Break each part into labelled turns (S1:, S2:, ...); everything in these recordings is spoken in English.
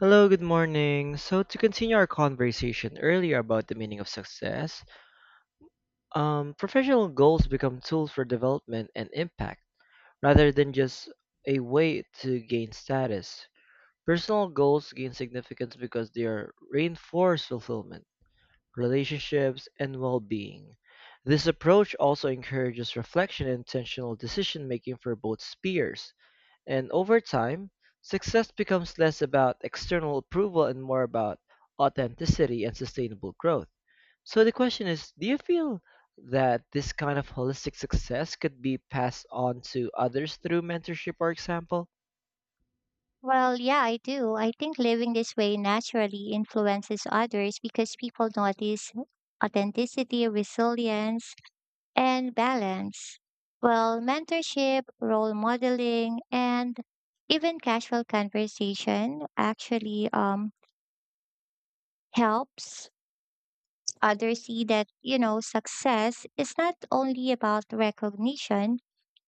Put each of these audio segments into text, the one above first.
S1: Hello, good morning. So to continue our conversation earlier about the meaning of success, professional goals become tools for development and impact rather than just a way to gain status. Personal goals gain significance because they are reinforce fulfillment, relationships, and well-being. This approach also encourages reflection and intentional decision making for both spheres. And over time, success becomes less about external approval and more about authenticity and sustainable growth. So the question is, do you feel that this kind of holistic success could be passed on to others through mentorship or example?
S2: Well, yeah, I do. I think living this way naturally influences others because people notice authenticity, resilience, and balance. Well, mentorship, role modeling, and even casual conversation actually helps others see that, success is not only about recognition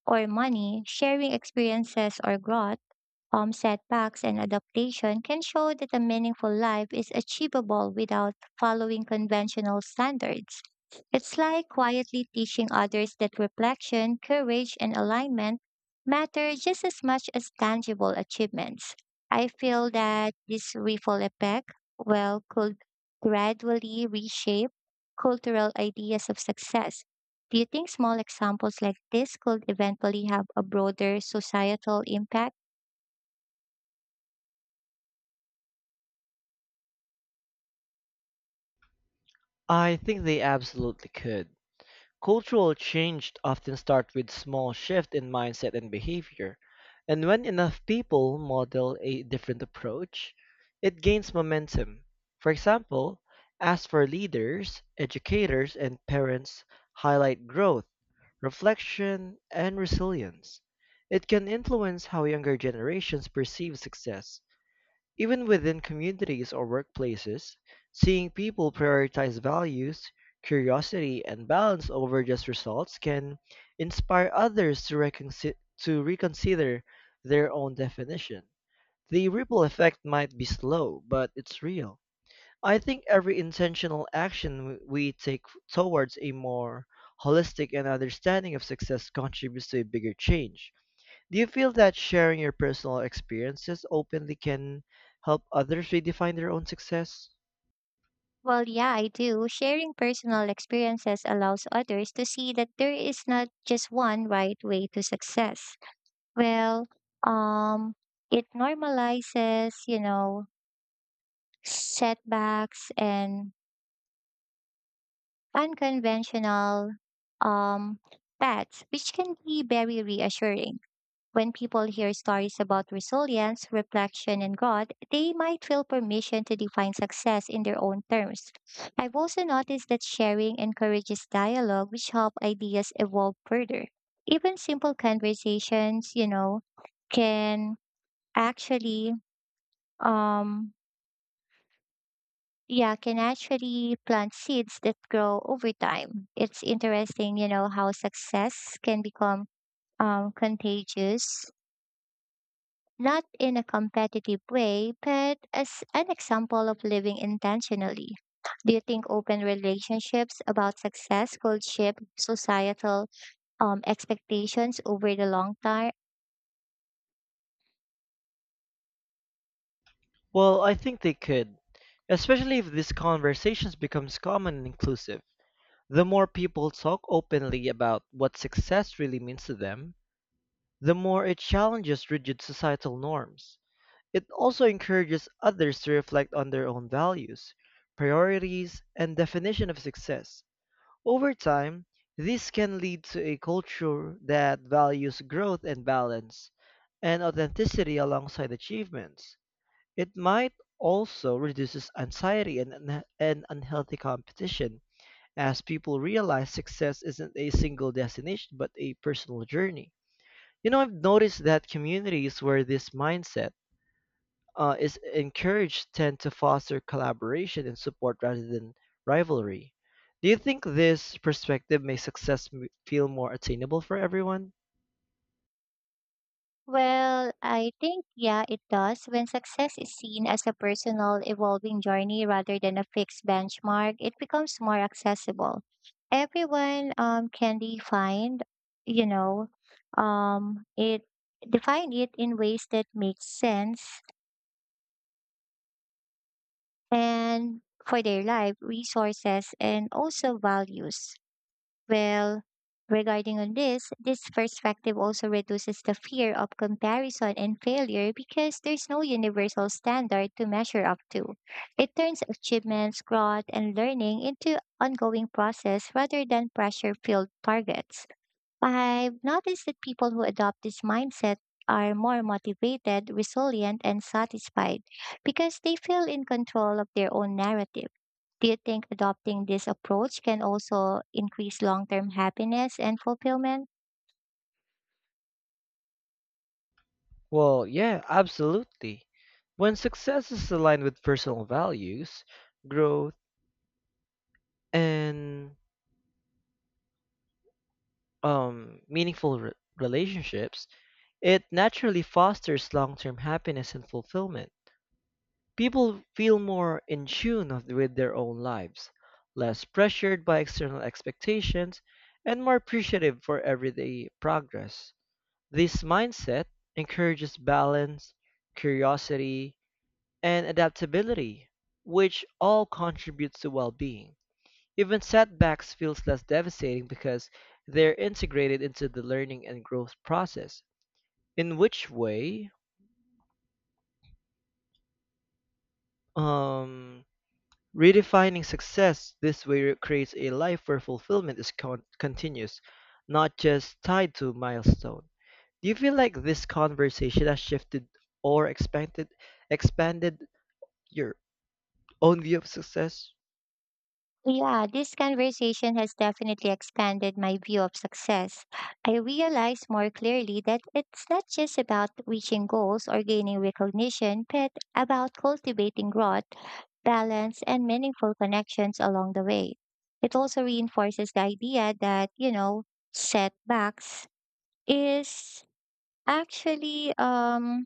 S2: or money, sharing experiences or growth. Setbacks and adaptation can show that a meaningful life is achievable without following conventional standards. It's like quietly teaching others that reflection, courage, and alignment matter just as much as tangible achievements. I feel that this ripple effect, well, could gradually reshape cultural ideas of success. Do you think small examples like this could eventually have a broader societal impact?
S1: I think they absolutely could. Cultural change often starts with small shift in mindset and behavior, and when enough people model a different approach, it gains momentum. For example, as for leaders, educators, and parents highlight growth, reflection, and resilience. It can influence how younger generations perceive success even within communities or workplaces, seeing people prioritize values, curiosity, and balance over just results can inspire others to, to reconsider their own definition. The ripple effect might be slow, but it's real. I think every intentional action we take towards a more holistic and understanding of success contributes to a bigger change. Do you feel that sharing your personal experiences openly can help others redefine their own success?
S2: Well, yeah, I do. Sharing personal experiences allows others to see that there is not just one right way to success. Well, um, it normalizes, setbacks and unconventional um, paths, which can be very reassuring. When people hear stories about resilience, reflection, and God, they might feel permission to define success in their own terms. I've also noticed that sharing encourages dialogue, which help ideas evolve further. Even simple conversations, can actually, um, yeah, can actually plant seeds that grow over time. It's interesting, how success can become contagious, not in a competitive way, but as an example of living intentionally. Do you think open relationships about success could shape societal expectations over the long term?
S1: Well, I think they could, especially if these conversations becomes common and inclusive. The more people talk openly about what success really means to them, the more it challenges rigid societal norms. It also encourages others to reflect on their own values, priorities, and definition of success. Over time, this can lead to a culture that values growth and balance, and authenticity alongside achievements. It might also reduces anxiety and, and unhealthy competition, as people realize success isn't a single destination but a personal journey. You know, I've noticed that communities where this mindset is encouraged tend to foster collaboration and support rather than rivalry. Do you think this perspective makes success feel more attainable for everyone?
S2: Well, I think, yeah, it does. When success is seen as a personal, evolving journey rather than a fixed benchmark, it becomes more accessible. Everyone can define, you know, it define it in ways that make sense and for their life, resources, and also values. Well, regarding on this, this perspective also reduces the fear of comparison and failure because there's no universal standard to measure up to. It turns achievements, growth, and learning into ongoing process rather than pressure-filled targets. I've noticed that people who adopt this mindset are more motivated, resilient, and satisfied because they feel in control of their own narrative. Do you think adopting this approach can also increase long term happiness and fulfillment?
S1: Well, yeah, absolutely. When success is aligned with personal values, growth, and meaningful relationships, it naturally fosters long term happiness and fulfillment. People feel more in with their own lives, less pressured by external expectations, and more appreciative for everyday progress. This mindset encourages balance, curiosity, and adaptability, which all contributes to well being. Even setbacks feels less devastating because they're integrated into the learning and growth process. In which way, um, redefining success this way creates a life where fulfillment is continuous, not just tied to milestone. Do you feel like this conversation has shifted or expanded your own view of success?
S2: Yeah, this conversation has definitely expanded my view of success. I realize more clearly that it's not just about reaching goals or gaining recognition, but about cultivating growth, balance, and meaningful connections along the way. It also reinforces the idea that, setbacks is actually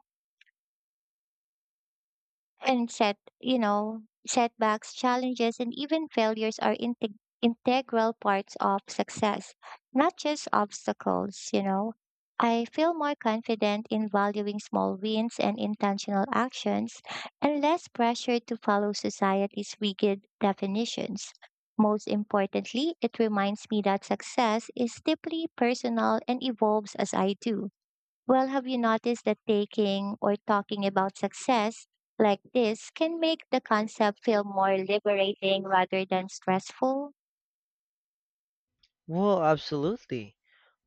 S2: and set you know setbacks, challenges, and even failures are integral parts of success, not just obstacles. I feel more confident in valuing small wins and intentional actions, and less pressure to follow society's rigid definitions. Most importantly, it reminds me that success is deeply personal and evolves as I do. Well, have you noticed that taking or talking about success like this can make the concept feel more liberating rather than stressful?
S1: Well, absolutely.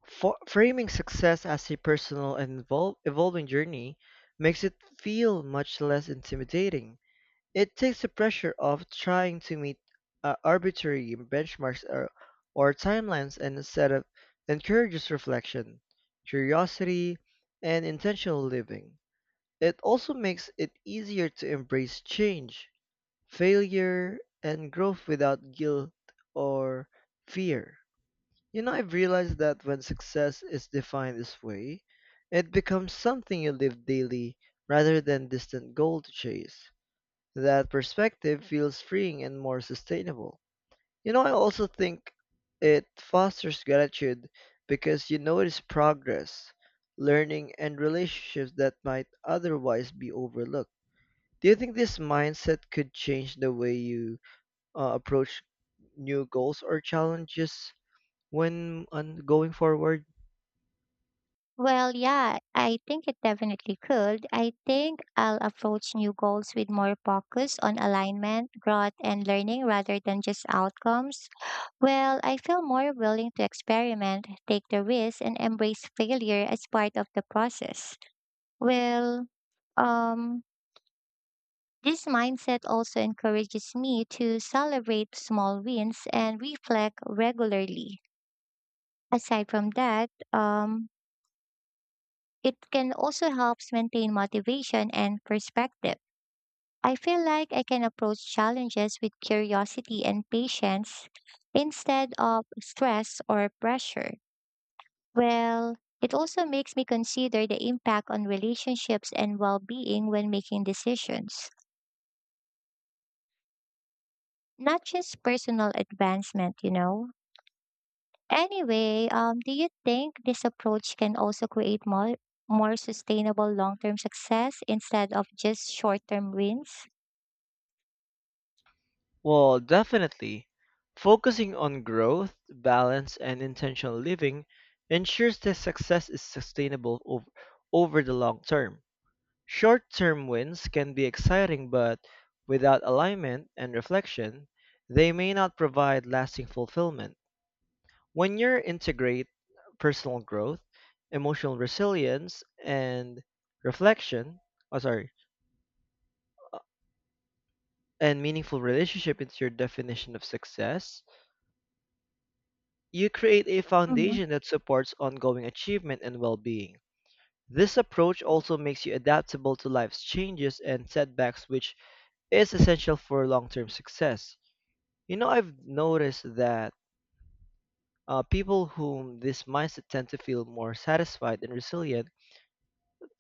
S1: Framing success as a personal and evolving journey makes it feel much less intimidating. It takes the pressure off trying to meet arbitrary benchmarks or timelines and instead of encourages reflection, curiosity, and intentional living. It also makes it easier to embrace change, failure, and growth without guilt or fear. You know, I've realized that when success is defined this way, it becomes something you live daily rather than distant goal to chase. That perspective feels freeing and more sustainable. You know, I also think it fosters gratitude because you notice progress, learning, and relationships that might otherwise be overlooked. Do you think this mindset could change the way you approach new goals or challenges when on going forward?
S2: Well, yeah, I think it definitely could. I think I'll approach new goals with more focus on alignment, growth, and learning rather than just outcomes. Well, I feel more willing to experiment, take the risk, and embrace failure as part of the process. Well, um, This mindset also encourages me to celebrate small wins and reflect regularly. Aside from that, it can also help maintain motivation and perspective. I feel like I can approach challenges with curiosity and patience instead of stress or pressure. Well, it also makes me consider the impact on relationships and well being when making decisions, not just personal advancement, you know. Anyway, do you think this approach can also create more sustainable long-term success instead of just short-term wins?
S1: Well, definitely. Focusing on growth, balance, and intentional living ensures that success is sustainable over the long term. Short term wins can be exciting, but without alignment and reflection, they may not provide lasting fulfillment. When you integrate personal growth, emotional resilience, and reflection, oh, sorry, and meaningful relationship into your definition of success, you create a
S2: Mhm.
S1: foundation that supports ongoing achievement and well being. This approach also makes you adaptable to life's changes and setbacks, which is essential for long term success. You know, I've noticed that people whom this mindset tend to feel more satisfied and resilient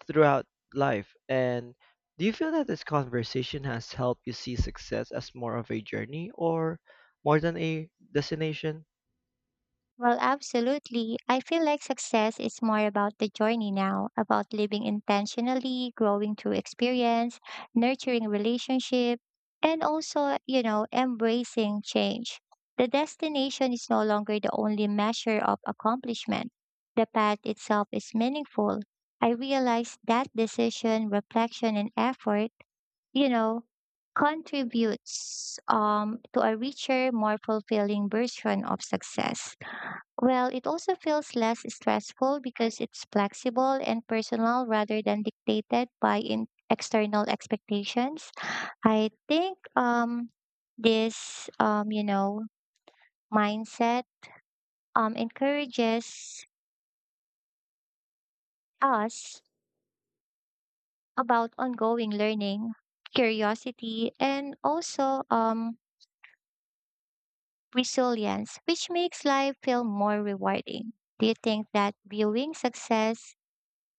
S1: throughout life. And do you feel that this conversation has helped you see success as more of a journey or more than a destination?
S2: Well, absolutely. I feel like success is more about the journey now, about living intentionally, growing through experience, nurturing relationship, and also, embracing change. The destination is no longer the only measure of accomplishment. The path itself is meaningful. I realize that decision, reflection, and effort, you know, contributes to a richer, more fulfilling version of success. Well, it also feels less stressful because it's flexible and personal rather than dictated by in external expectations. I think this mindset encourages us about ongoing learning, curiosity, and also resilience, which makes life feel more rewarding. Do you think that viewing success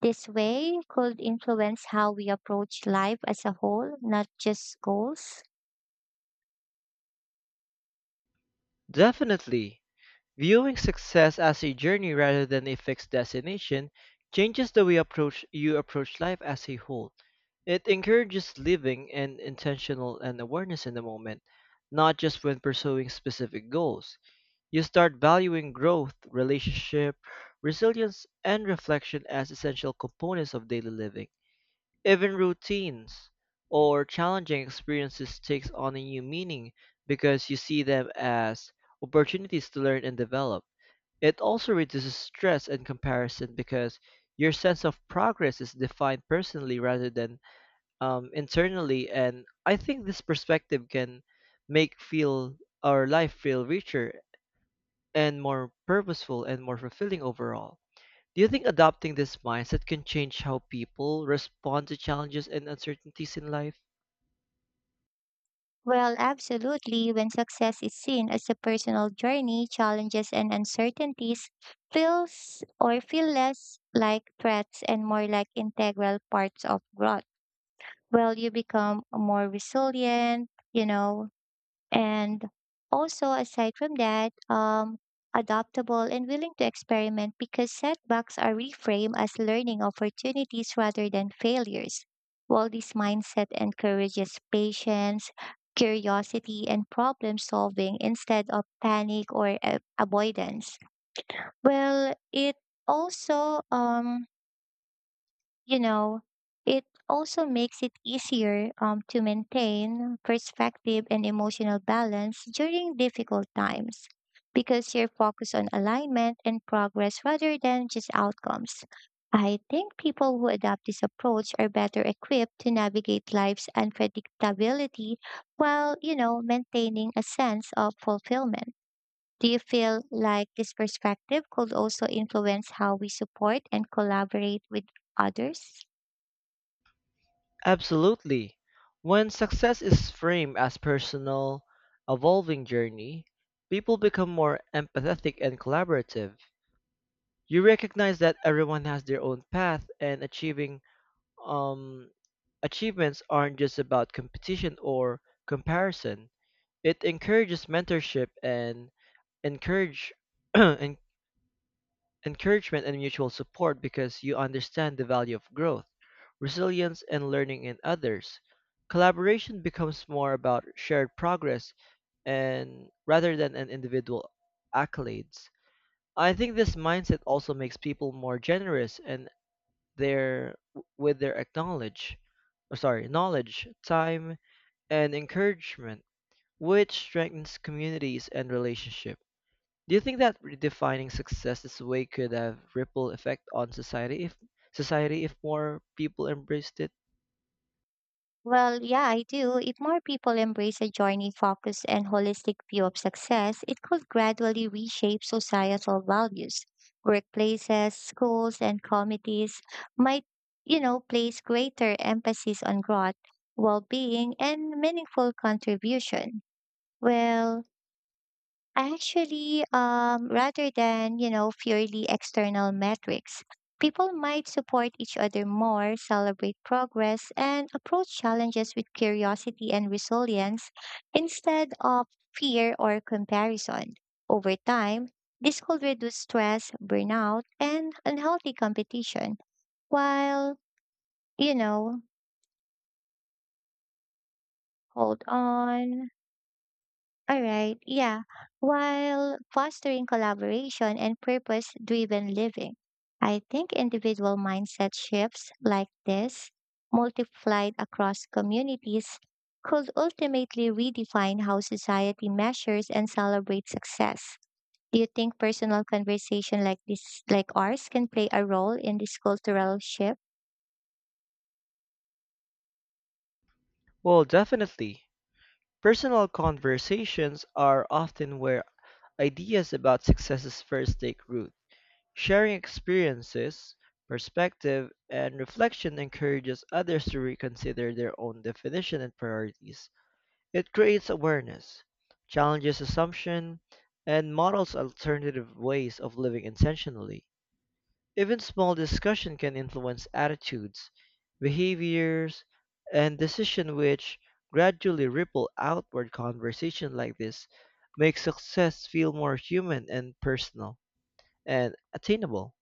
S2: this way could influence how we approach life as a whole, not just goals?
S1: Definitely. Viewing success as a journey rather than a fixed destination changes the way approach you approach life as a whole. It encourages living and intentional and awareness in the moment, not just when pursuing specific goals. You start valuing growth, relationship, resilience, and reflection as essential components of daily living. Even routines or challenging experiences takes on a new meaning because you see them as opportunities to learn and develop. It also reduces stress and comparison because your sense of progress is defined personally rather than internally. And I think this perspective can make feel our life feel richer and more purposeful and more fulfilling overall. Do you think adopting this mindset can change how people respond to challenges and uncertainties in life?
S2: Well, absolutely. When success is seen as a personal journey, challenges and uncertainties feel less like threats and more like integral parts of growth. Well, you become more resilient, and also, aside from that, adaptable and willing to experiment because setbacks are reframed as learning opportunities rather than failures. While this mindset encourages patience, curiosity, and problem solving instead of panic or avoidance. Well, also um, you know, it also makes it easier to maintain perspective and emotional balance during difficult times because you're focused on alignment and progress rather than just outcomes. I think people who adopt this approach are better equipped to navigate life's unpredictability while, maintaining a sense of fulfillment. Do you feel like this perspective could also influence how we support and collaborate with others?
S1: Absolutely. When success is framed as personal, evolving journey, people become more empathetic and collaborative. You recognize that everyone has their own path and achieving um achievements aren't just about competition or comparison. It encourages mentorship and encourage encouragement encouragement and mutual support because you understand the value of growth, resilience, and learning in others. Collaboration becomes more about shared progress and rather than an individual accolades. I think this mindset also makes people more generous and their with their oh, sorry, knowledge, time, and encouragement, which strengthens communities and relationships. Do you think that redefining success this way could have ripple effect on society if more people embraced it?
S2: Well, yeah, I do. If more people embrace a journey focused and holistic view of success, it could gradually reshape societal values. Workplaces, schools, and communities might, place greater emphasis on growth, well being, and meaningful contribution. Well, Actually, rather than, purely external metrics, people might support each other more, celebrate progress, and approach challenges with curiosity and resilience instead of fear or comparison. Over time, this could reduce stress, burnout, and unhealthy competition while, you know, hold on. All right, yeah, while fostering collaboration and purpose driven living. I think individual mindset shifts like this, multiplied across communities, could ultimately redefine how society measures and celebrates success. Do you think personal conversation like this like ours can play a role in this cultural shift?
S1: Well, definitely. Personal conversations are often where ideas about successes first take root. Sharing experiences, perspective, and reflection encourages others to reconsider their own definition and priorities. It creates awareness, challenges assumption, and models alternative ways of living intentionally. Even small discussion can influence attitudes, behaviors, and decision which gradually ripple outward. Conversation like this makes success feel more human and personal and attainable.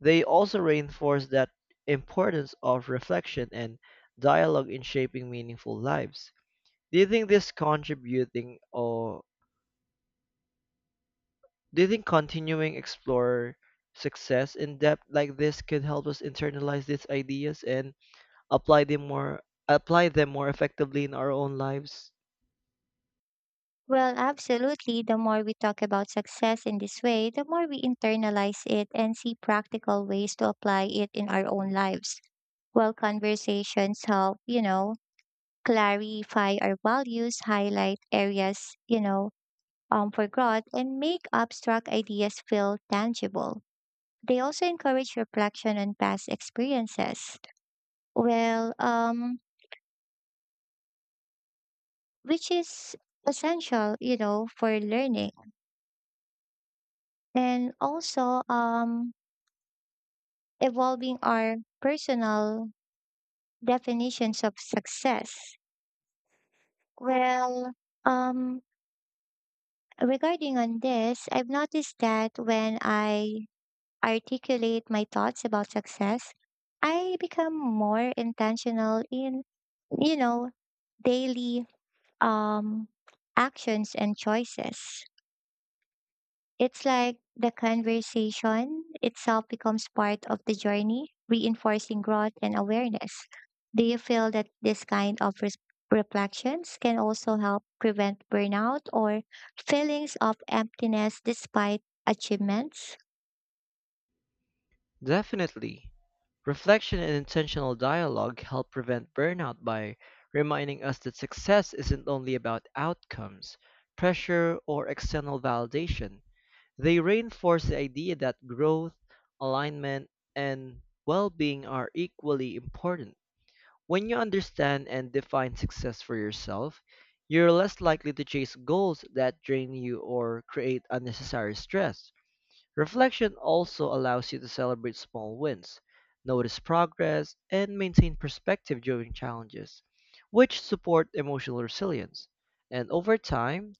S1: They also reinforce that importance of reflection and dialogue in shaping meaningful lives. Do you think this contributing or do you think continuing explore success in depth like this could help us internalize these ideas and apply them more apply them more effectively in our own lives?
S2: Well, absolutely. The more we talk about success in this way, the more we internalize it and see practical ways to apply it in our own lives. While conversations help, clarify our values, highlight areas, you know, for growth, and make abstract ideas feel tangible. They also encourage reflection on past experiences. Well, which is essential, for learning. And also, evolving our personal definitions of success. Well, um, Regarding on this, I've noticed that when I articulate my thoughts about success, I become more intentional in, you know, daily um actions and choices. It's like the conversation itself becomes part of the journey, reinforcing growth and awareness. Do you feel that this kind of reflections can also help prevent burnout or feelings of emptiness despite achievements?
S1: Definitely. Reflection and intentional dialogue help prevent burnout by reminding us that success isn't only about outcomes, pressure, or external validation. They reinforce the idea that growth, alignment, and well-being are equally important. When you understand and define success for yourself, you're less likely to chase goals that drain you or create unnecessary stress. Reflection also allows you to celebrate small wins, notice progress, and maintain perspective during challenges, which support emotional resilience. And over time,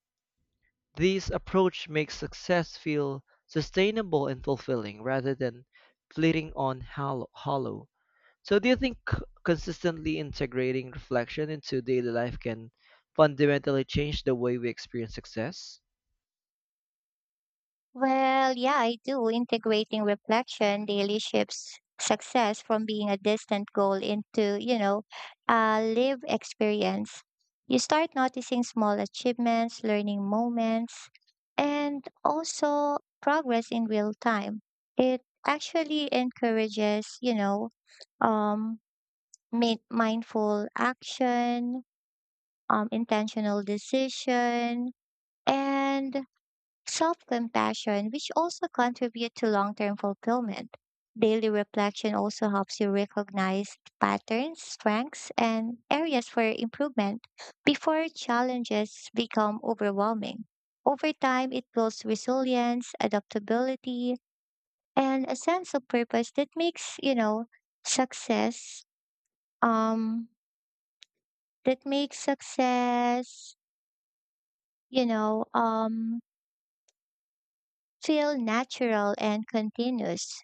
S1: this approach makes success feel sustainable and fulfilling rather than fleeting on hollow. So, do you think consistently integrating reflection into daily life can fundamentally change the way we experience success?
S2: Well, yeah, I do. Integrating reflection daily shifts success from being a distant goal into, a live experience. You start noticing small achievements, learning moments, and also progress in real time. It actually encourages, um, mindful action, intentional decision, and self compassion, which also contribute to long term fulfillment. Daily reflection also helps you recognize patterns, strengths, and areas for improvement before challenges become overwhelming. Over time, it builds resilience, adaptability, and a sense of purpose that makes, you know, success, um, that makes success, you know, um, feel natural and continuous.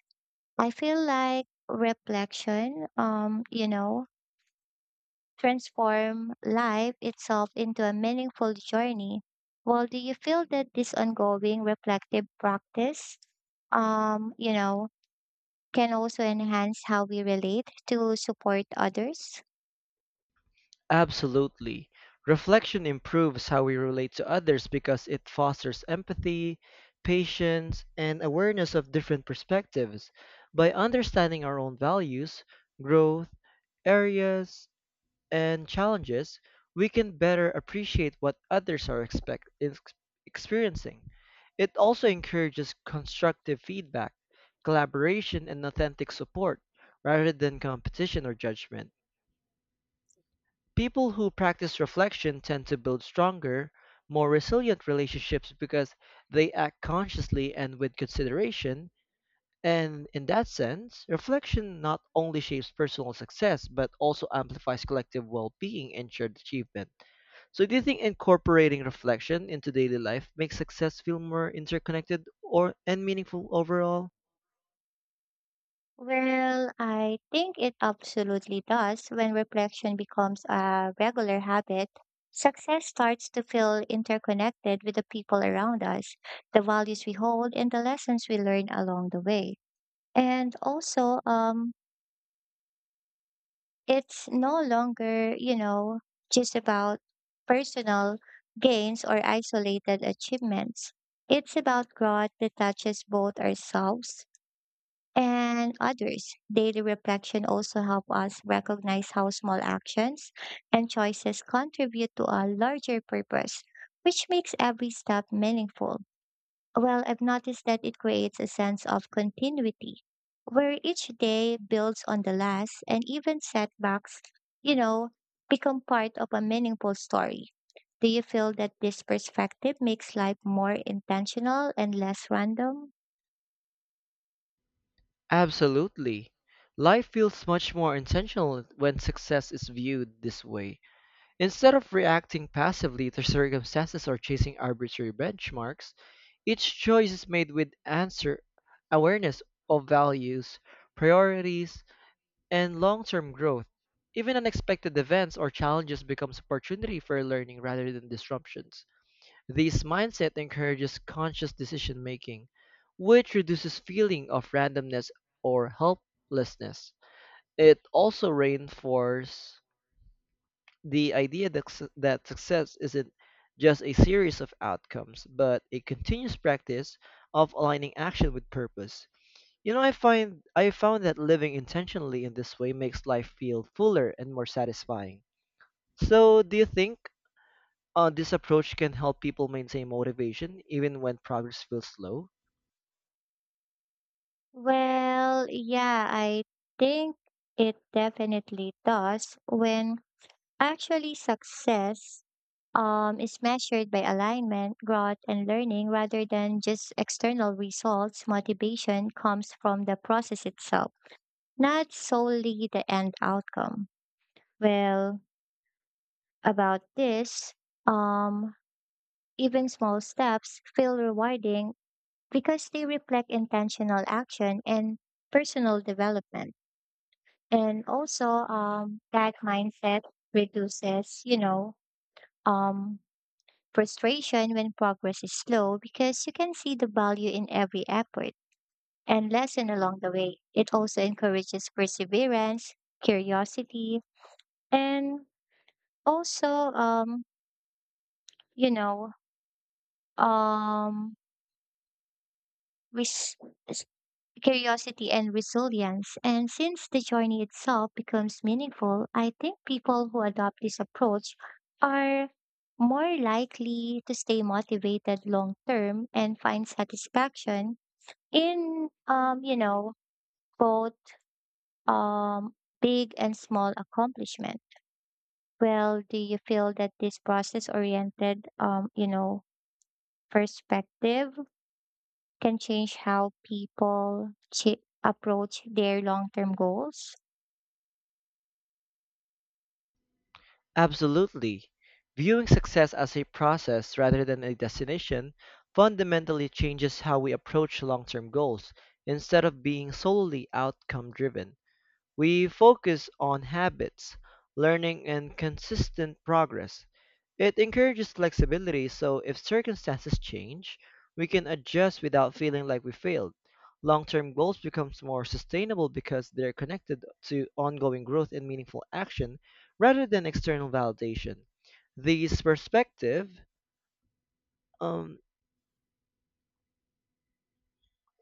S2: I feel like reflection, transform life itself into a meaningful journey. Well, do you feel that this ongoing reflective practice, um, you know, can also enhance how we relate to support others?
S1: Absolutely. Reflection improves how we relate to others because it fosters empathy, patience, and awareness of different perspectives. By understanding our own values, growth, areas, and challenges, we can better appreciate what others are experiencing. It also encourages constructive feedback, collaboration, and authentic support, rather than competition or judgment. People who practice reflection tend to build stronger, more resilient relationships because they act consciously and with consideration, and in that sense, reflection not only shapes personal success, but also amplifies collective well being and shared achievement. So, do you think incorporating reflection into daily life makes success feel more interconnected or and meaningful overall?
S2: Well, I think it absolutely does. When reflection becomes a regular habit, success starts to feel interconnected with the people around us, the values we hold, and the lessons we learn along the way. And also, it's no longer, just about personal gains or isolated achievements. It's about growth that touches both ourselves and others. Daily reflection also help us recognize how small actions and choices contribute to a larger purpose, which makes every step meaningful. Well, I've noticed that it creates a sense of continuity where each day builds on the last and even setbacks, you know, become part of a meaningful story. Do you feel that this perspective makes life more intentional and less random?
S1: Absolutely. Life feels much more intentional when success is viewed this way. Instead of reacting passively to circumstances or chasing arbitrary benchmarks, each choice is made with answer awareness of values, priorities, and long-term growth. Even unexpected events or challenges becomes opportunity for learning rather than disruptions. This mindset encourages conscious decision making, which reduces feeling of randomness or helplessness. It also reinforces the idea that success isn't just a series of outcomes, but a continuous practice of aligning action with purpose. You know, I found that living intentionally in this way makes life feel fuller and more satisfying. So, do you think this approach can help people maintain motivation even when progress feels slow?
S2: Well, yeah, I think it definitely does when actually success is measured by alignment, growth, and learning rather than just external results. Motivation comes from the process itself, not solely the end outcome. Well, about this, um, even small steps feel rewarding because they reflect intentional action and personal development. And also that mindset reduces um frustration when progress is slow because you can see the value in every effort and lesson along the way. It also encourages perseverance, curiosity, and also um you know um res- curiosity and resilience. And since the journey itself becomes meaningful, I think people who adopt this approach are more likely to stay motivated long term and find satisfaction in both um, big and small accomplishment. Well, do you feel that this process oriented perspective can change how approach their long term goals?
S1: Absolutely. Viewing success as a process rather than a destination fundamentally changes how we approach long term goals instead of being solely outcome driven. We focus on habits, learning, and consistent progress. It encourages flexibility so if circumstances change, we can adjust without feeling like we failed. Long-term goals becomes more sustainable because they're connected to ongoing growth and meaningful action rather than external validation. These perspective um,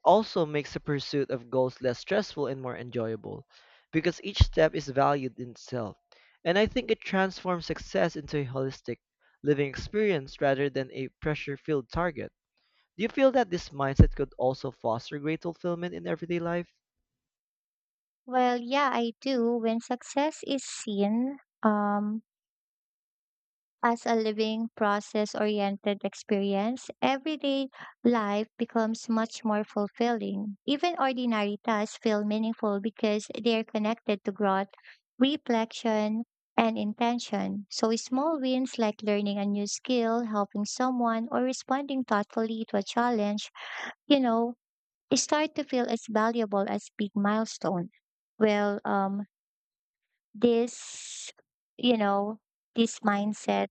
S1: also makes the pursuit of goals less stressful and more enjoyable, because each step is valued in itself. And I think it transforms success into a holistic living experience rather than a pressure filled target. Do you feel that this mindset could also foster great fulfillment in everyday life?
S2: Well, yeah, I do. When success is seen um, as a living, process oriented experience, everyday life becomes much more fulfilling. Even ordinary tasks feel meaningful because they are connected to growth, reflection, and intention. So, small wins like learning a new skill, helping someone, or responding thoughtfully to a challenge, you know, start to feel as valuable as big milestone. Well, um, this, you know, this mindset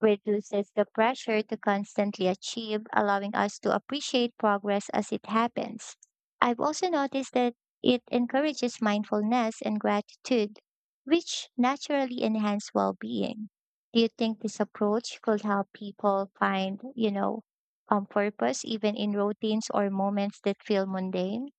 S2: reduces the pressure to constantly achieve, allowing us to appreciate progress as it happens. I've also noticed that it encourages mindfulness and gratitude, which naturally enhance well being. Do you think this approach could help people find, purpose even in routines or moments that feel mundane?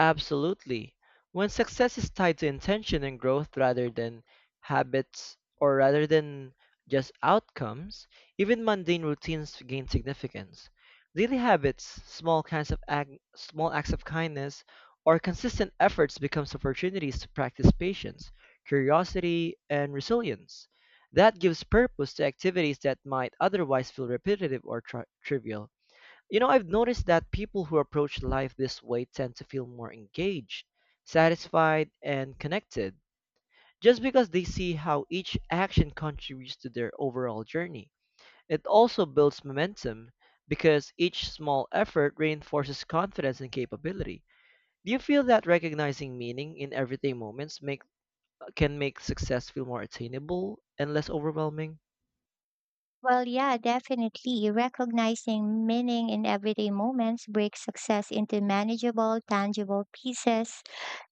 S1: Absolutely. When success is tied to intention and growth rather than habits or rather than just outcomes, even mundane routines gain significance. Daily habits, small acts of kindness, or consistent efforts becomes opportunities to practice patience, curiosity, and resilience. That gives purpose to activities that might otherwise feel repetitive or trivial. You know, I've noticed that people who approach life this way tend to feel more engaged, satisfied, and connected, just because they see how each action contributes to their overall journey. It also builds momentum because each small effort reinforces confidence and capability. Do you feel that recognizing meaning in everyday can make success feel more attainable and less overwhelming?
S2: Well, yeah, definitely. Recognizing meaning in everyday moments breaks success into manageable, tangible pieces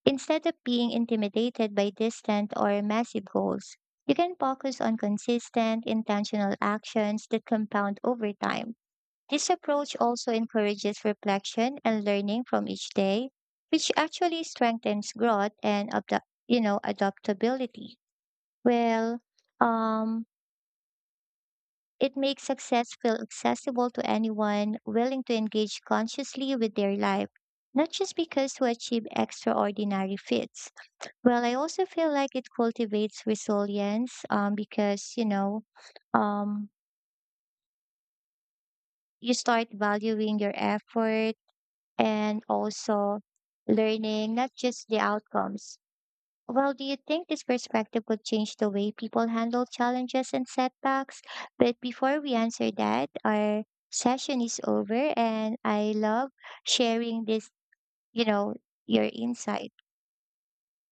S2: instead of being intimidated by distant or massive goals. You can focus on consistent, intentional actions that compound over time. This approach also encourages reflection and learning from each day, which actually strengthens growth and, adaptability. Well, um, it makes success feel accessible to anyone willing to engage consciously with their life, not just because who achieve extraordinary feats. Well, I also feel like it cultivates resilience because, um, you start valuing your effort and also learning, not just the outcomes. Well, do you think this perspective could change the way people handle challenges and setbacks? But before we answer that, our session is over and I love sharing this, you know, your insight.